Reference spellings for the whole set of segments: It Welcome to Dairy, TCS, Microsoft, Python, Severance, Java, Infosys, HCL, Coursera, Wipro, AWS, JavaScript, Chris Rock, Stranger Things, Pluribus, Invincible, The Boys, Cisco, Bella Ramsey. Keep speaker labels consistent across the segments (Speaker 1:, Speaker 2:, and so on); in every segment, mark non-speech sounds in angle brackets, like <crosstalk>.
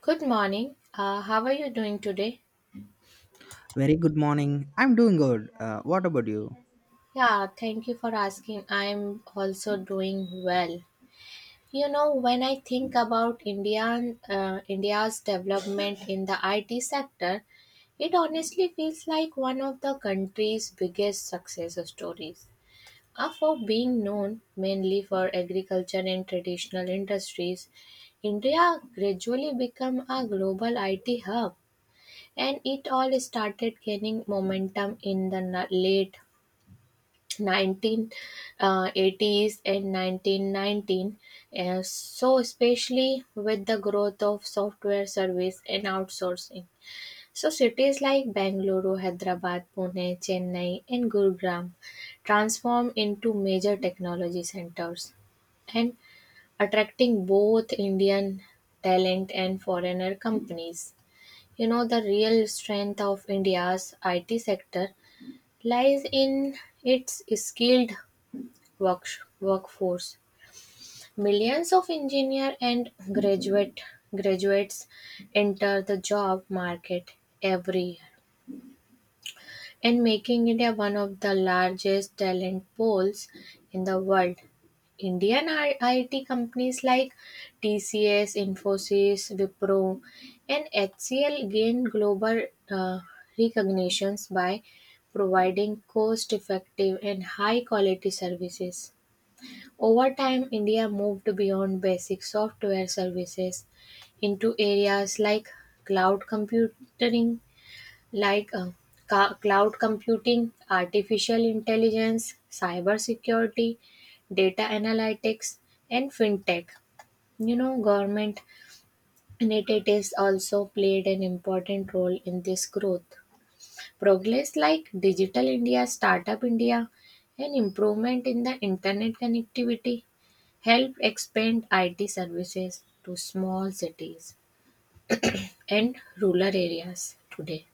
Speaker 1: Good morning. How are you doing today?
Speaker 2: Very good morning. I'm doing good. What about you?
Speaker 1: Yeah, thank you for asking. I'm also doing well. You know, when I think about India's development in the IT sector, it honestly feels like one of the country's biggest success stories. For being known mainly for agriculture and traditional industries, India gradually became a global IT hub, and it all started gaining momentum in the late 1980s and 1919. So especially with the growth of software service and outsourcing. So cities like Bangalore, Hyderabad, Pune, Chennai, and Gurugram transformed into major technology centers and attracting both Indian talent and foreigner companies. You know, the real strength of India's IT sector lies in its skilled work, workforce. Millions of engineer and graduate graduates enter the job market every year, and making India one of the largest talent pools in the world. IT companies like TCS, Infosys, Wipro, and HCL gain global uh, recognitions by providing cost effective and high quality services. Over time, India moved beyond basic software services into areas like cloud computing like uh, cloud computing, artificial intelligence, cybersecurity, data analytics, and fintech. You know, government initiatives also played an important role in this growth. Progress like Digital India, Startup India, and improvement in the internet connectivity helped expand IT services to small cities and rural areas today.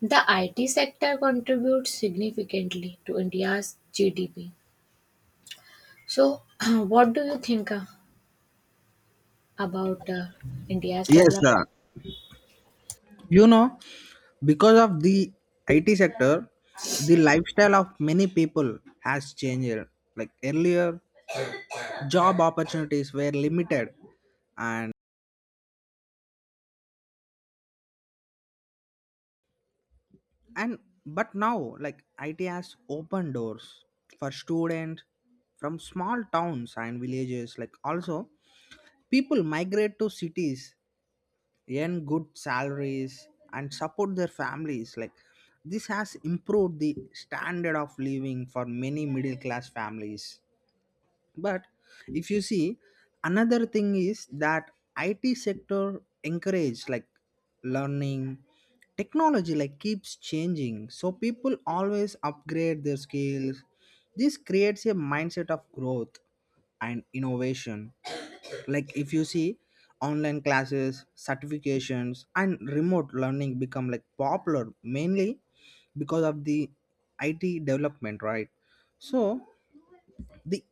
Speaker 1: The IT sector contributes significantly to India's GDP. So, <clears throat> what do you think about India's
Speaker 2: Yes,
Speaker 1: development?
Speaker 2: sir. You know, because of the IT sector, the lifestyle of many people has changed. Like earlier, job opportunities were limited, and and but now, like, IT has opened doors for students from small towns and villages. Like also, people migrate to cities, earn good salaries, and support their families. Like, this has improved the standard of living for many middle class families. But if you see, another thing is that IT sector encourage, like, learning technology, like, keeps changing, so people always upgrade their skills. This creates a mindset of growth and innovation. Like, if you see, online classes, certifications, and remote learning become, like, popular mainly because of the IT development, right? So the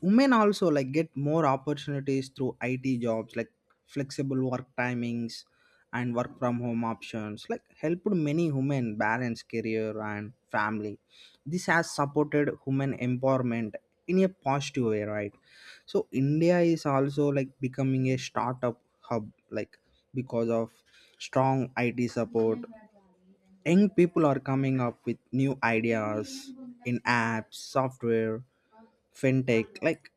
Speaker 2: women also, like, get more opportunities through IT jobs, like flexible work timings and work from home options, like, helped many women balance career and family. This has supported women empowerment in a positive way, right? So India is also, like, becoming a startup hub, like, because of strong IT support, young people are coming up with new ideas in apps, software, fintech, like,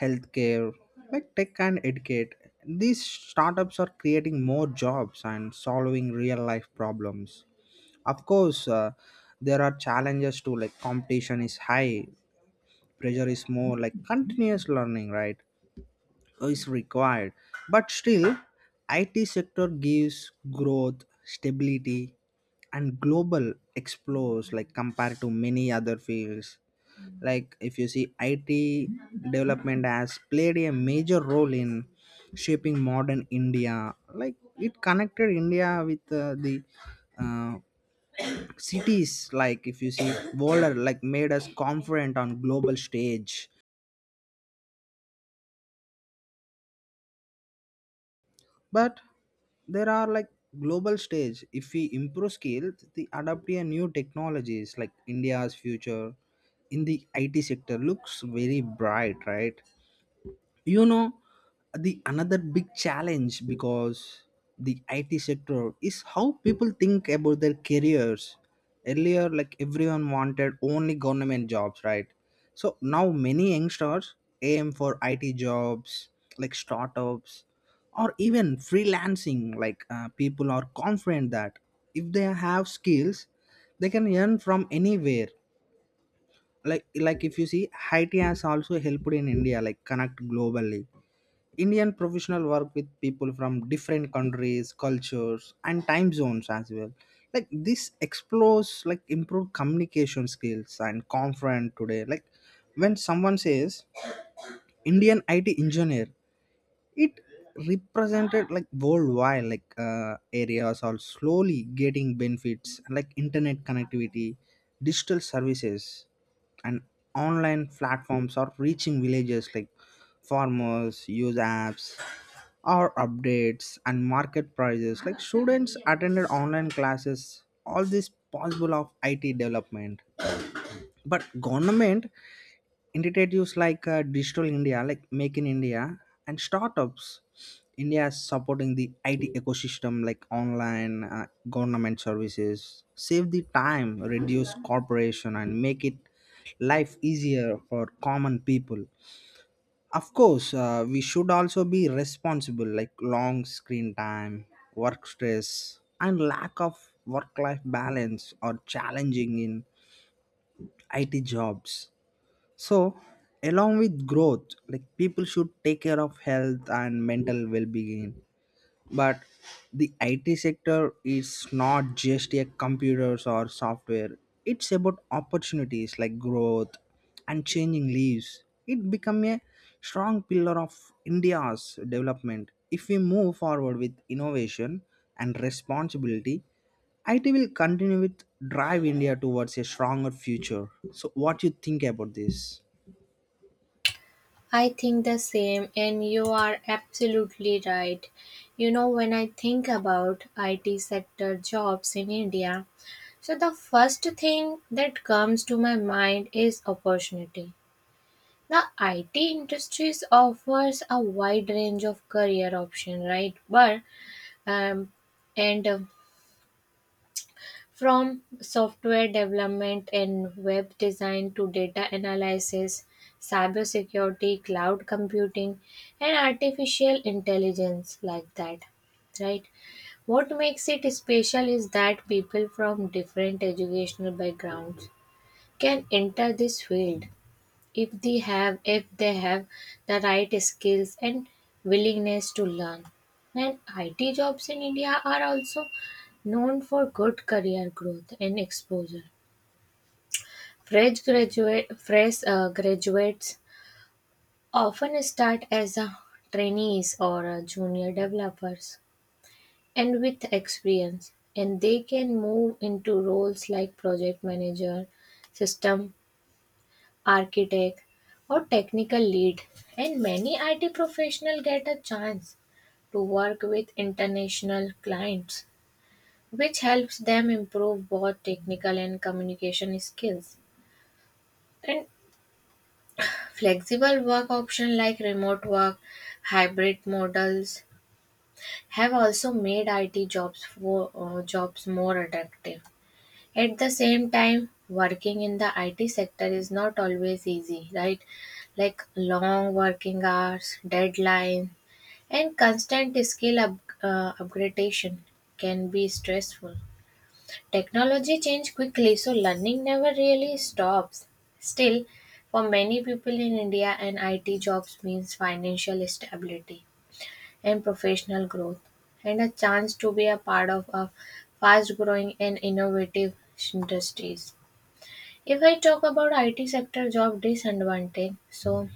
Speaker 2: healthcare, like tech and educate. These startups are creating more jobs and solving real life problems. Of course, there are challenges too, like competition is high, pressure is more, like continuous learning, right? Is required. But still, IT sector gives growth stability and global explores, like compared to many other fields. Like, if you see, IT development has played a major role in shaping modern India. Like, it connected India with the uh, cities. Like, if you see, world, like, made us confident on global stage. But there are, like, global stage, if we improve skills the adapt a new technologies, like India's future in the IT sector looks very bright, right? You know, the another big challenge because the IT sector is how people think about their careers. Earlier, like, everyone wanted only government jobs, right? So now many youngsters aim for IT jobs, like startups, or even freelancing. Like, people are confident that if they have skills, they can earn from anywhere. Like, if you see, IT has also helped in India, like, connect globally. Indian professional work with people from different countries, cultures, and time zones as well. Like, this explores, like, improved communication skills and confident today. Like, when someone says Indian IT engineer, it represented, like, worldwide. Like, areas are slowly getting benefits, like internet connectivity, digital services, and online platforms are reaching villages. Like, farmers use apps or updates and market prices. Like students attended online classes, all this possible of IT development. But government initiatives, like Digital India, like Make in India and Startups India is supporting the IT ecosystem. Like, online government services save the time, reduce corporation, and make it life easier for common people. Of course, we should also be responsible. Like, long screen time, work stress, and lack of work life balance are challenging in IT jobs. So along with growth, like, people should take care of health and mental well-being. But the IT sector is not just a computers or software. It's about opportunities, like growth and changing lives. It become a strong pillar of India's development. If we move forward with innovation and responsibility, IT will continue with drive India towards a stronger future. So, what you think about this?
Speaker 1: I think the same, and you are absolutely right. You know, when I think about IT sector jobs in India, so the first thing that comes to my mind is opportunity. The IT industries offers a wide range of career option, right? But um, and From software development and web design to data analysis, cybersecurity, cloud computing, and artificial intelligence, like that. Right? What makes it special is that people from different educational backgrounds can enter this field if they have the right skills and willingness to learn. And IT jobs in India are also known for good career growth and exposure. Fresh graduate fresh graduates often start as trainees or junior developers, and with experience, and they can move into roles like project manager, system architect, or technical lead. And many IT professionals get a chance to work with international clients, which helps them improve both technical and communication skills. And flexible work options like remote work, hybrid models have also made IT jobs more attractive. At the same time, working in the IT sector is not always easy, right? Like long working hours, deadline, and constant upgradation can be stressful. Technology change quickly, so learning never really stops. Still, for many people in India, an IT jobs means financial stability and professional growth, and a chance to be a part of a fast growing and innovative industries. If I talk about IT sector job disadvantage, so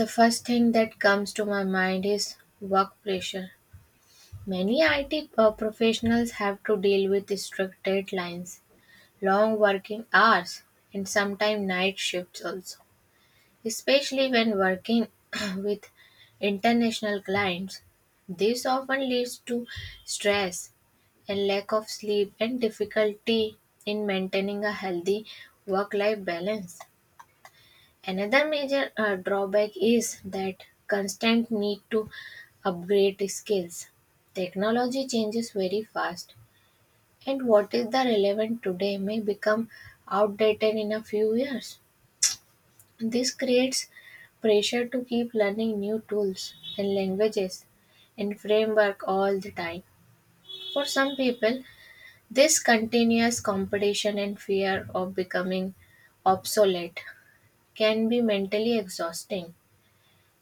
Speaker 1: the first thing that comes to my mind is work pressure. Many IT professionals have to deal with strict deadlines, long working hours, and sometimes night shifts also. Especially when working <clears throat> with international clients, this often leads to stress and lack of sleep and difficulty in maintaining a healthy work life balance. Another major drawback is that constant need to upgrade skills. Technology changes very fast, and what is the relevant today may become outdated in a few years. This creates pressure to keep learning new tools and languages and framework all the time. For some people, this continuous competition and fear of becoming obsolete can be mentally exhausting.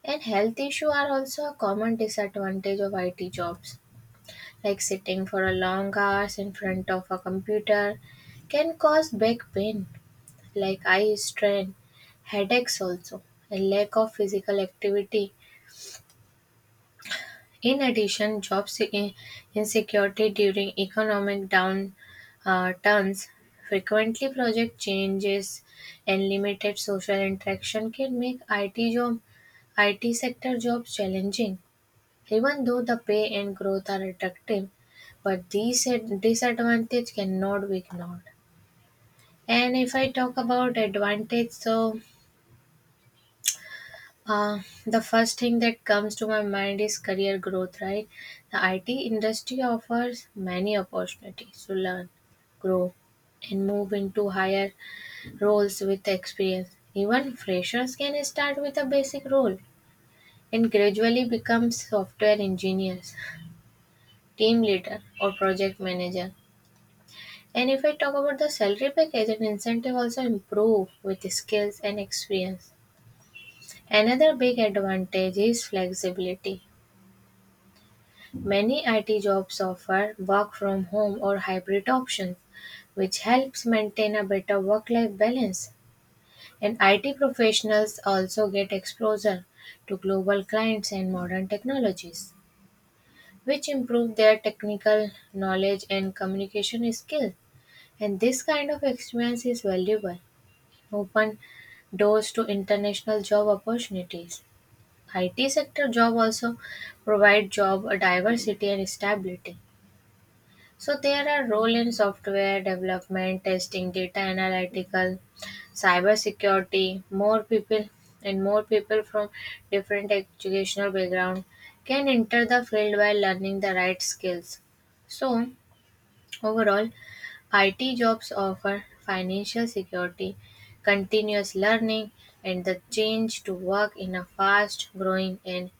Speaker 1: And health issues are also a common disadvantage of IT jobs, like sitting for a long hours in front of a computer can cause back pain, like eye strain, headaches also, a lack of physical activity. In addition, insecurity during economic down turns, frequently project changes, and limited social interaction can make IT sector jobs challenging, even though the pay and growth are attractive. But these disadvantage cannot be ignored. And if I talk about advantage, so Uh, the first thing that comes to my mind is career growth, right? The IT industry offers many opportunities to learn, grow, and move into higher roles with experience. Even freshers can start with a basic role and gradually become software engineers, team leader, or project manager. And if I talk about the salary package and incentive also improve with skills and experience. Another big advantage is flexibility. Many IT jobs offer work from home or hybrid options, which helps maintain a better work life balance. And IT professionals also get exposure to global clients and modern technologies, which improve their technical knowledge and communication skills. And this kind of experience is valuable, open doors to international job opportunities. IT sector job also provide job diversity and stability. So there are roles in software development, testing, data analytical, cybersecurity. More people from different educational background can enter the field while learning the right skills. So overall, IT jobs offer financial security, continuous learning, and the change to work in a fast-growing and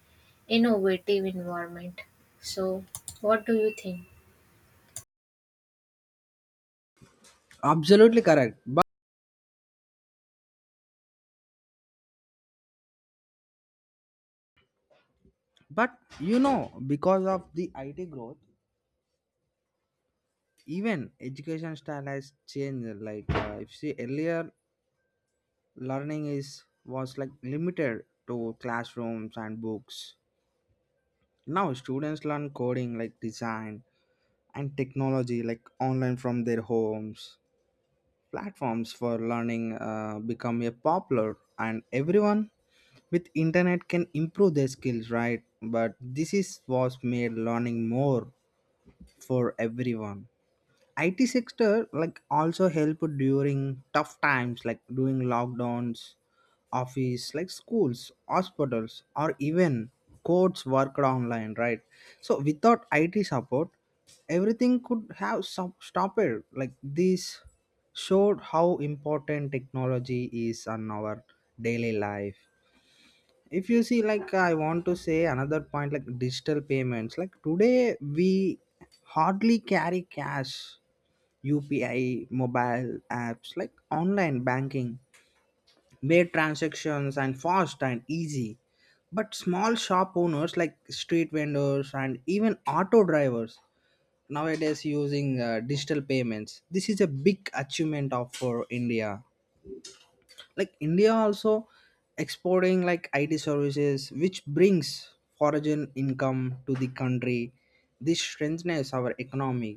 Speaker 1: innovative environment. So, what do you think?
Speaker 2: Absolutely correct. But you know, because of the IT growth, even education style has changed. Like, if see earlier, learning is was, like, limited to classrooms and books. Now students learn coding, like design and technology, like online from their homes. Platforms for learning become a popular, and everyone with internet can improve their skills, right? But this is was made learning more for everyone. IT sector, like, also help during tough times, like during lockdowns, office like schools, hospitals, or even courts worked online, right? So without IT support, everything could have some stopped. Like, this showed how important technology is on our daily life. If you see, like, I want to say another point, like digital payments, like today we hardly carry cash. UPI, mobile apps, like online banking made transactions and fast and easy. But small shop owners, like street vendors and even auto drivers, nowadays using digital payments. This is a big achievement of for India. Like, India also exporting, like, IT services which brings foreign income to the country. This strengthens our economy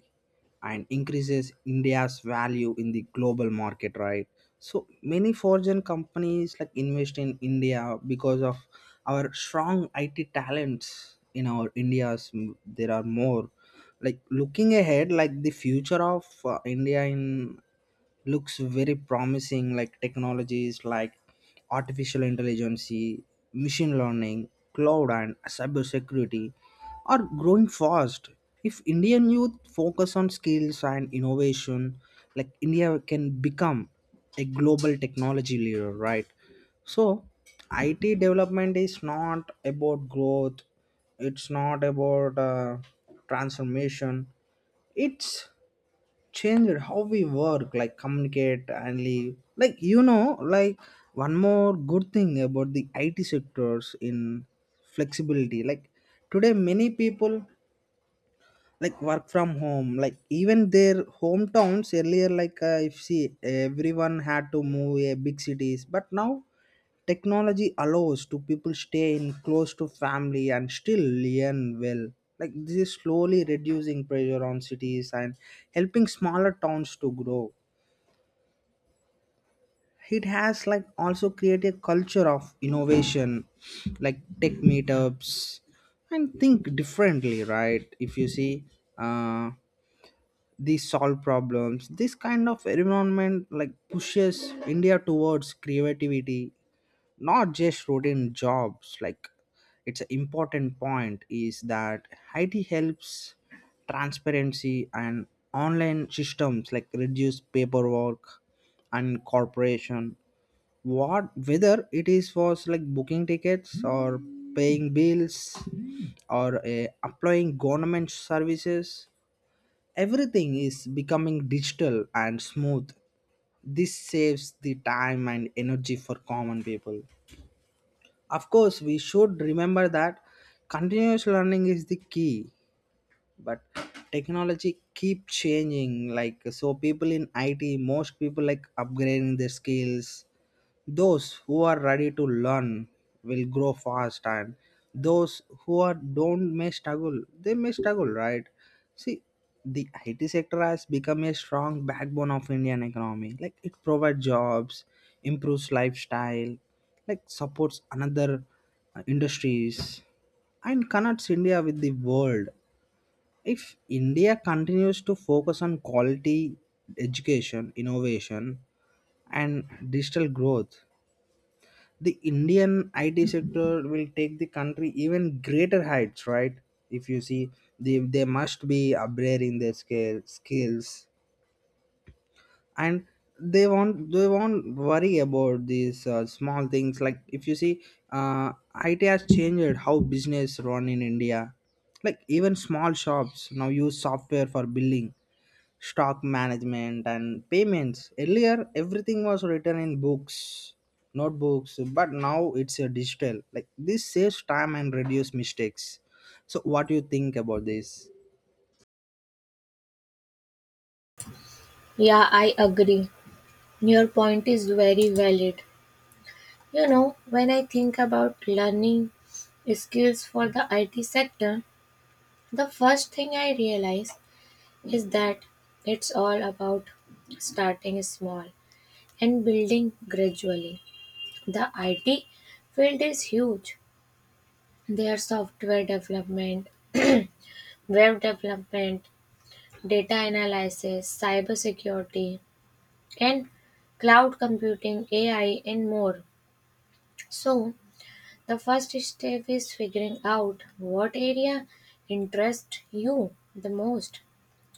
Speaker 2: and increases India's value in the global market, right? So many foreign companies, like, invest in India because of our strong IT talents in our there are more. Like, looking ahead, like the future of India in looks very promising, like technologies like artificial intelligence, machine learning, cloud, and cybersecurity are growing fast. If Indian youth focus on skills and innovation, like, India can become a global technology leader, right? So IT development is not about growth. It's not about transformation. It's changed how we work, like communicate and live. Like, you know, like one more good thing about the IT sectors in flexibility. Like, today many people, like, work from home, like even their hometowns. Earlier, like, if see, everyone had to move a big cities, but now technology allows to people stay in close to family and still learn well. Like, this is slowly reducing pressure on cities and helping smaller towns to grow. It has, like, also created a culture of innovation, like tech meetups and think differently, right? If you see, uh they solve problems. This kind of environment, like, pushes India towards creativity, not just routine jobs. Like, it's an important point is that it helps transparency and online systems, like, reduce paperwork and corporation. What whether it is for, like, booking tickets or paying bills, or applying government services, everything is becoming digital and smooth. This saves the time and energy for common people. Of course, we should remember that continuous learning is the key. But technology keep changing, like, so people in IT, most people, like, upgrading their skills. Those who are ready to learn will grow fast, and those who are don't may struggle. They may struggle, right? See, the IT sector has become a strong backbone of Indian economy. Like, it provides jobs, improves lifestyle, like supports another industries, and connects India with the world. If India continues to focus on quality education, innovation, and digital growth, the Indian IT sector will take the country even greater heights, right? If you see, they must be upgrading their scale, skills, and they won't worry about these small things. Like, if you see, uh, IT has changed how business run in India. Like, even small shops now use software for billing, stock management, and payments. Earlier everything was written in books, notebooks, but now it's a digital. Like, this saves time and reduce mistakes. So what do you think about this?
Speaker 1: Yeah, I agree. Your point is very valid. You know, when I think about learning skills for the IT sector, the first thing I realize is that it's all about starting small and building gradually. The IT field is huge. There are software development, <clears throat> web development, data analysis, cybersecurity, and cloud computing, AI, and more. So, the first step is figuring out what area interests you the most.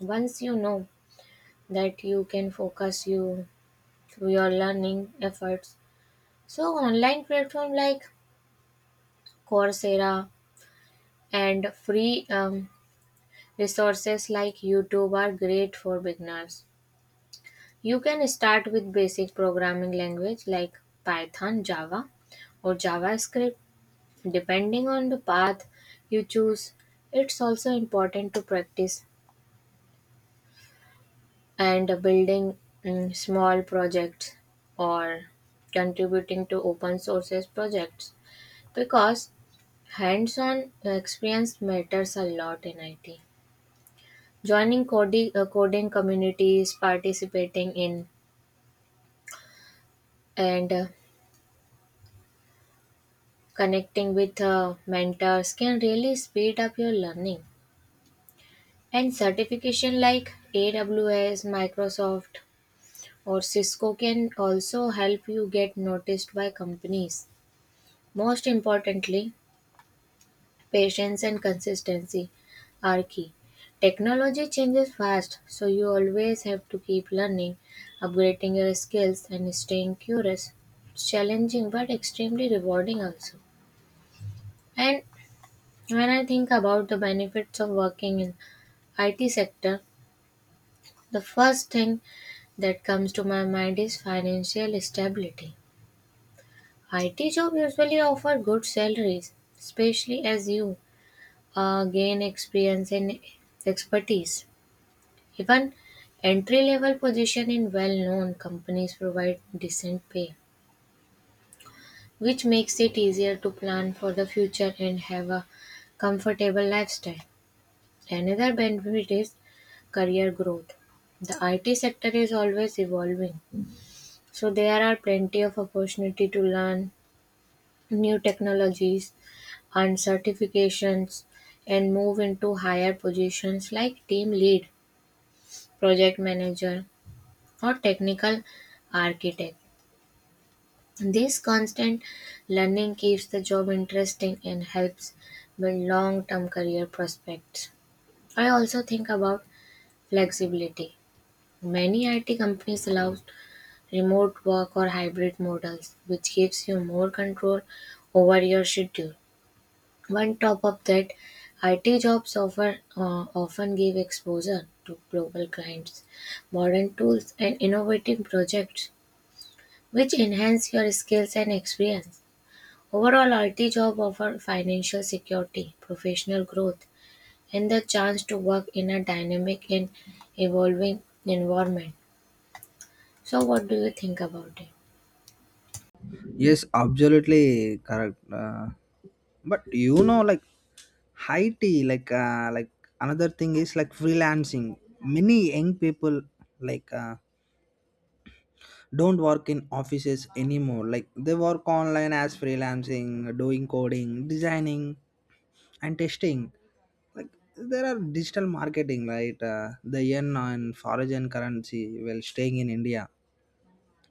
Speaker 1: Once you know that, you can focus you your learning efforts. So online platform like Coursera and free resources like YouTube are great for beginners. You can start with basic programming language like Python, Java, or JavaScript. Depending on the path you choose, it's also important to practice and building small projects or contributing to open sources projects, because hands-on experience matters a lot in IT. Joining coding communities, participating in and connecting with mentors can really speed up your learning. And certification like AWS, Microsoft, or Cisco can also help you get noticed by companies. Most importantly, patience and consistency are key. Technology changes fast, so you always have to keep learning, upgrading your skills, and staying curious. It's challenging but extremely rewarding also. And when I think about the benefits of working in IT sector, the first thing that comes to my mind is financial stability. IT jobs usually offer good salaries, especially as you gain experience and expertise. Even entry level positions in well known companies provide decent pay, which makes it easier to plan for the future and have a comfortable lifestyle. Another benefit is career growth. The IT sector is always evolving, so there are plenty of opportunity to learn new technologies and certifications and move into higher positions like team lead, project manager, or technical architect. This constant learning keeps the job interesting and helps build long term career prospects. I also think about flexibility. Many IT companies allow remote work or hybrid models, which gives you more control over your schedule. On top of that, IT jobs often uh, often give exposure to global clients, modern tools, and innovative projects, which enhance your skills and experience. Overall, IT job offer financial security, professional growth, and the chance to work in a dynamic and evolving environment. So, what do you think about it?
Speaker 2: Yes, absolutely correct. But you know, like high tea, like, another thing is like freelancing. Many young people, like, don't work in offices anymore. Like, they work online as freelancing, doing coding, designing, and testing. Like, there are digital marketing, right? They earn on foreign currency while staying in India.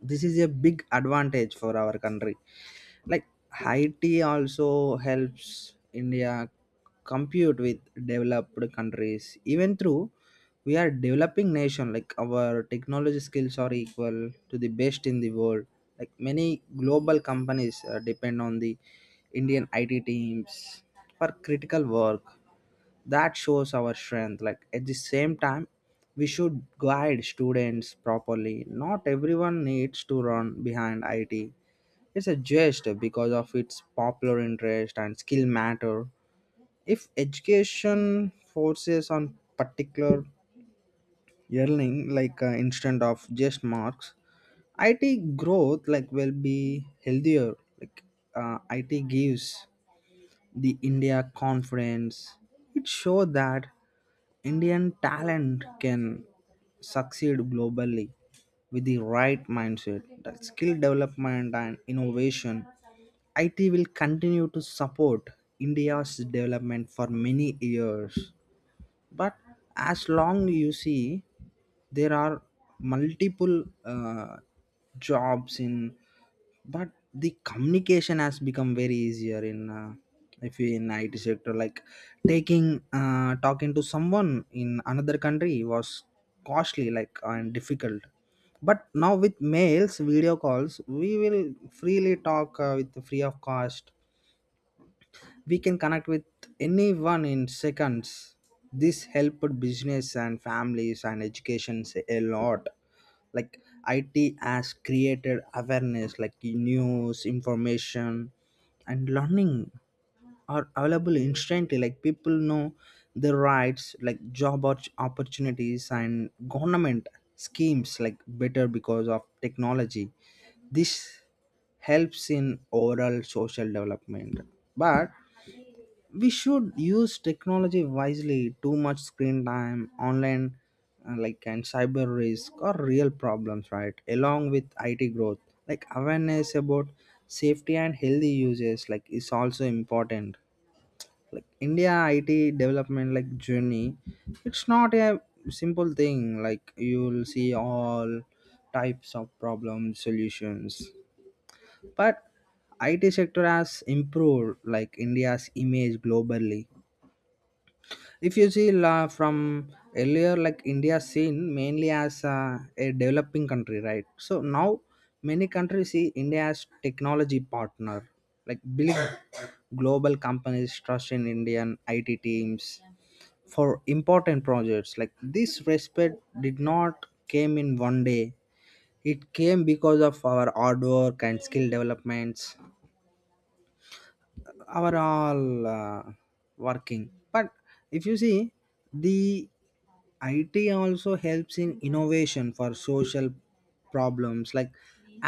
Speaker 2: This is a big advantage for our country. Like, haiti also helps India compete with developed countries, even through we are developing nation. Like, our technology skills are equal to the best in the world. Like, many global companies depend on the Indian IT teams for critical work. That shows our strength. Like, at the same time, we should guide students properly. Not everyone needs to run behind it. It's a jest because of its popular interest and skill matter. If education forces on particular yearning, like, instead of just marks, IT growth, like, will be healthier. Like, it gives the India confidence. It show that Indian talent can succeed globally with the right mindset, that skill development and innovation. IT will continue to support India's development for many years. But as long you see, there are multiple jobs in, but the communication has become very easier in if you in IT sector. Like, taking talking to someone in another country was costly, like, and difficult. But now with mails, video calls, we will freely talk with free of cost. We can connect with anyone in seconds. This helped business and families and educations a lot. Like, IT has created awareness, like news, information, and learning are available instantly. Like, people know their rights, like opportunities, and government schemes, like, better because of technology. This helps in overall social development. But we should use technology wisely. Too much screen time online, like, and cyber risk or real problems, right? Along with IT growth, like, awareness about safety and healthy uses, like, is also important. Like, India IT development, like journey, it's not a simple thing. Like, you'll see all types of problem solutions. But IT sector has improved, like, India's image globally. If you see, la, from earlier, like, India seen mainly as a developing country, right? So now many countries see India as technology partner, like big global companies trust in Indian IT teams for important projects. Like, this respect did not came in one day. It came because of our hard work and skill developments, our all working. But if you see, the IT also helps in innovation for social problems, like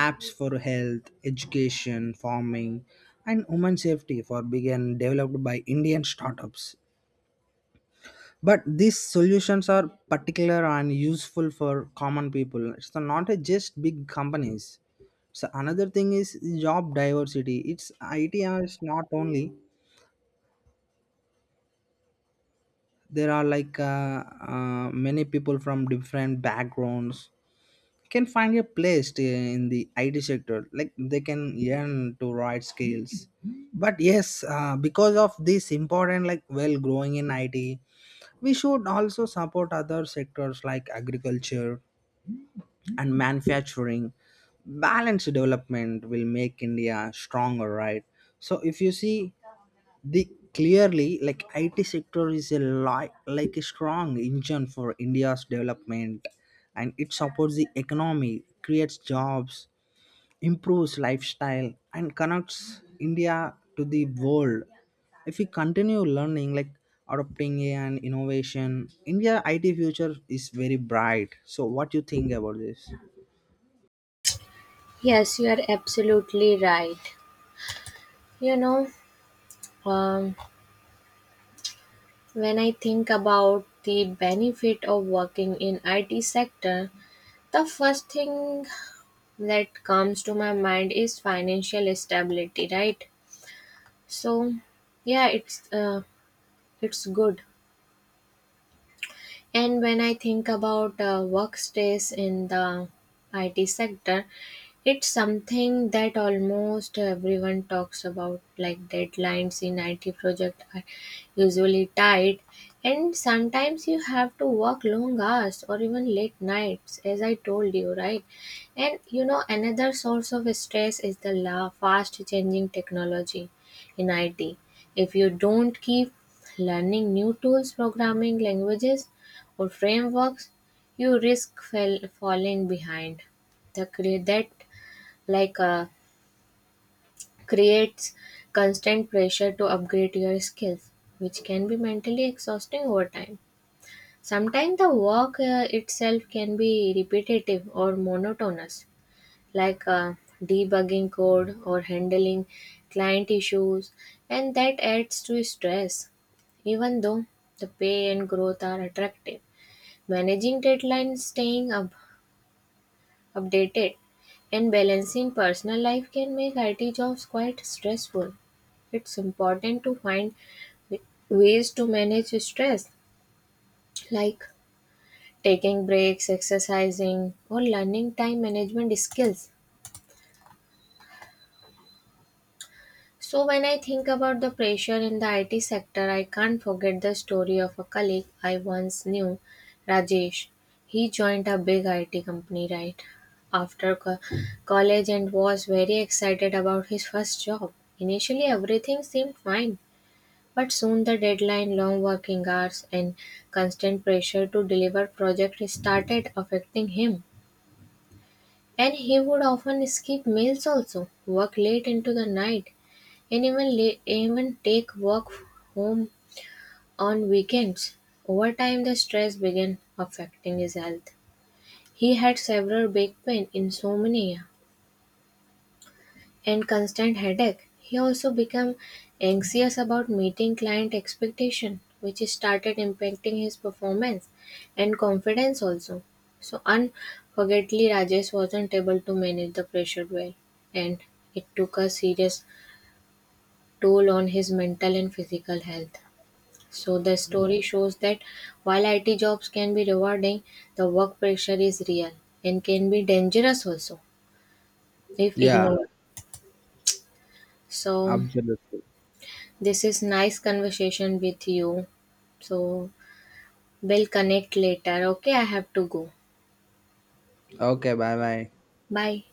Speaker 2: apps for health, education, farming, and women safety for began developed by Indian startups. But these solutions are particular and useful for common people, it's not a just big companies. So another thing is job diversity. It's IT is not only, there are like many people from different backgrounds can find a place in the IT sector. Like, they can learn to write skills. But yes, because of this important like well growing in IT, we should also support other sectors like agriculture and manufacturing. Balanced development will make India stronger, right? So if you see, the clearly, like, IT sector is a like a strong engine for India's development. And it supports the economy, creates jobs, improves lifestyle, and connects India to the world. If we continue learning, like, adopting AI and innovation, India IT future is very bright. So what do you think about this?
Speaker 1: Yes, you are absolutely right. You know, um, when I think about the benefit of working in IT sector, the first thing that comes to my mind is financial stability, right? So, yeah, it's good. And when I think about work stress in the IT sector, it's something that almost everyone talks about, like deadlines in IT project are usually tight, and sometimes you have to work long hours or even late nights, as I told you, right? And you know, another source of stress is the fast changing technology in IT. If you don't keep learning new tools, programming languages, or frameworks, you risk falling behind. That like uh, creates constant pressure to upgrade your skills, which can be mentally exhausting over time. Sometimes the work itself can be repetitive or monotonous, like debugging code or handling client issues, and that adds to stress. Even though the pay and growth are attractive, managing deadlines, staying up updated, and balancing personal life can make IT jobs quite stressful. It's important to find ways to manage stress, like taking breaks, exercising, or learning time management skills. So, when I think about the pressure in the IT sector, I can't forget the story of a colleague I once knew, Rajesh. He joined a big IT company right after college and was very excited about his first job. Initially, everything seemed fine, but soon the deadline, long working hours, and constant pressure to deliver project started affecting him. And he would often skip meals also, work late into the night, and even take work home on weekends. Over time, the stress began affecting his health. He had several back pain, insomnia, and constant headache. He also became anxious about meeting client expectation, which started impacting his performance and confidence also. So unfortunately, Rajesh wasn't able to manage the pressure well, and it took a serious toll on his mental and physical health. So the story shows that while IT jobs can be rewarding, the work pressure is real and can be dangerous also if
Speaker 2: Yeah,
Speaker 1: ignored. So
Speaker 2: absolutely.
Speaker 1: this is nice conversation with you. So we'll connect later. Okay, I have to go.
Speaker 2: Okay, bye bye.
Speaker 1: Bye.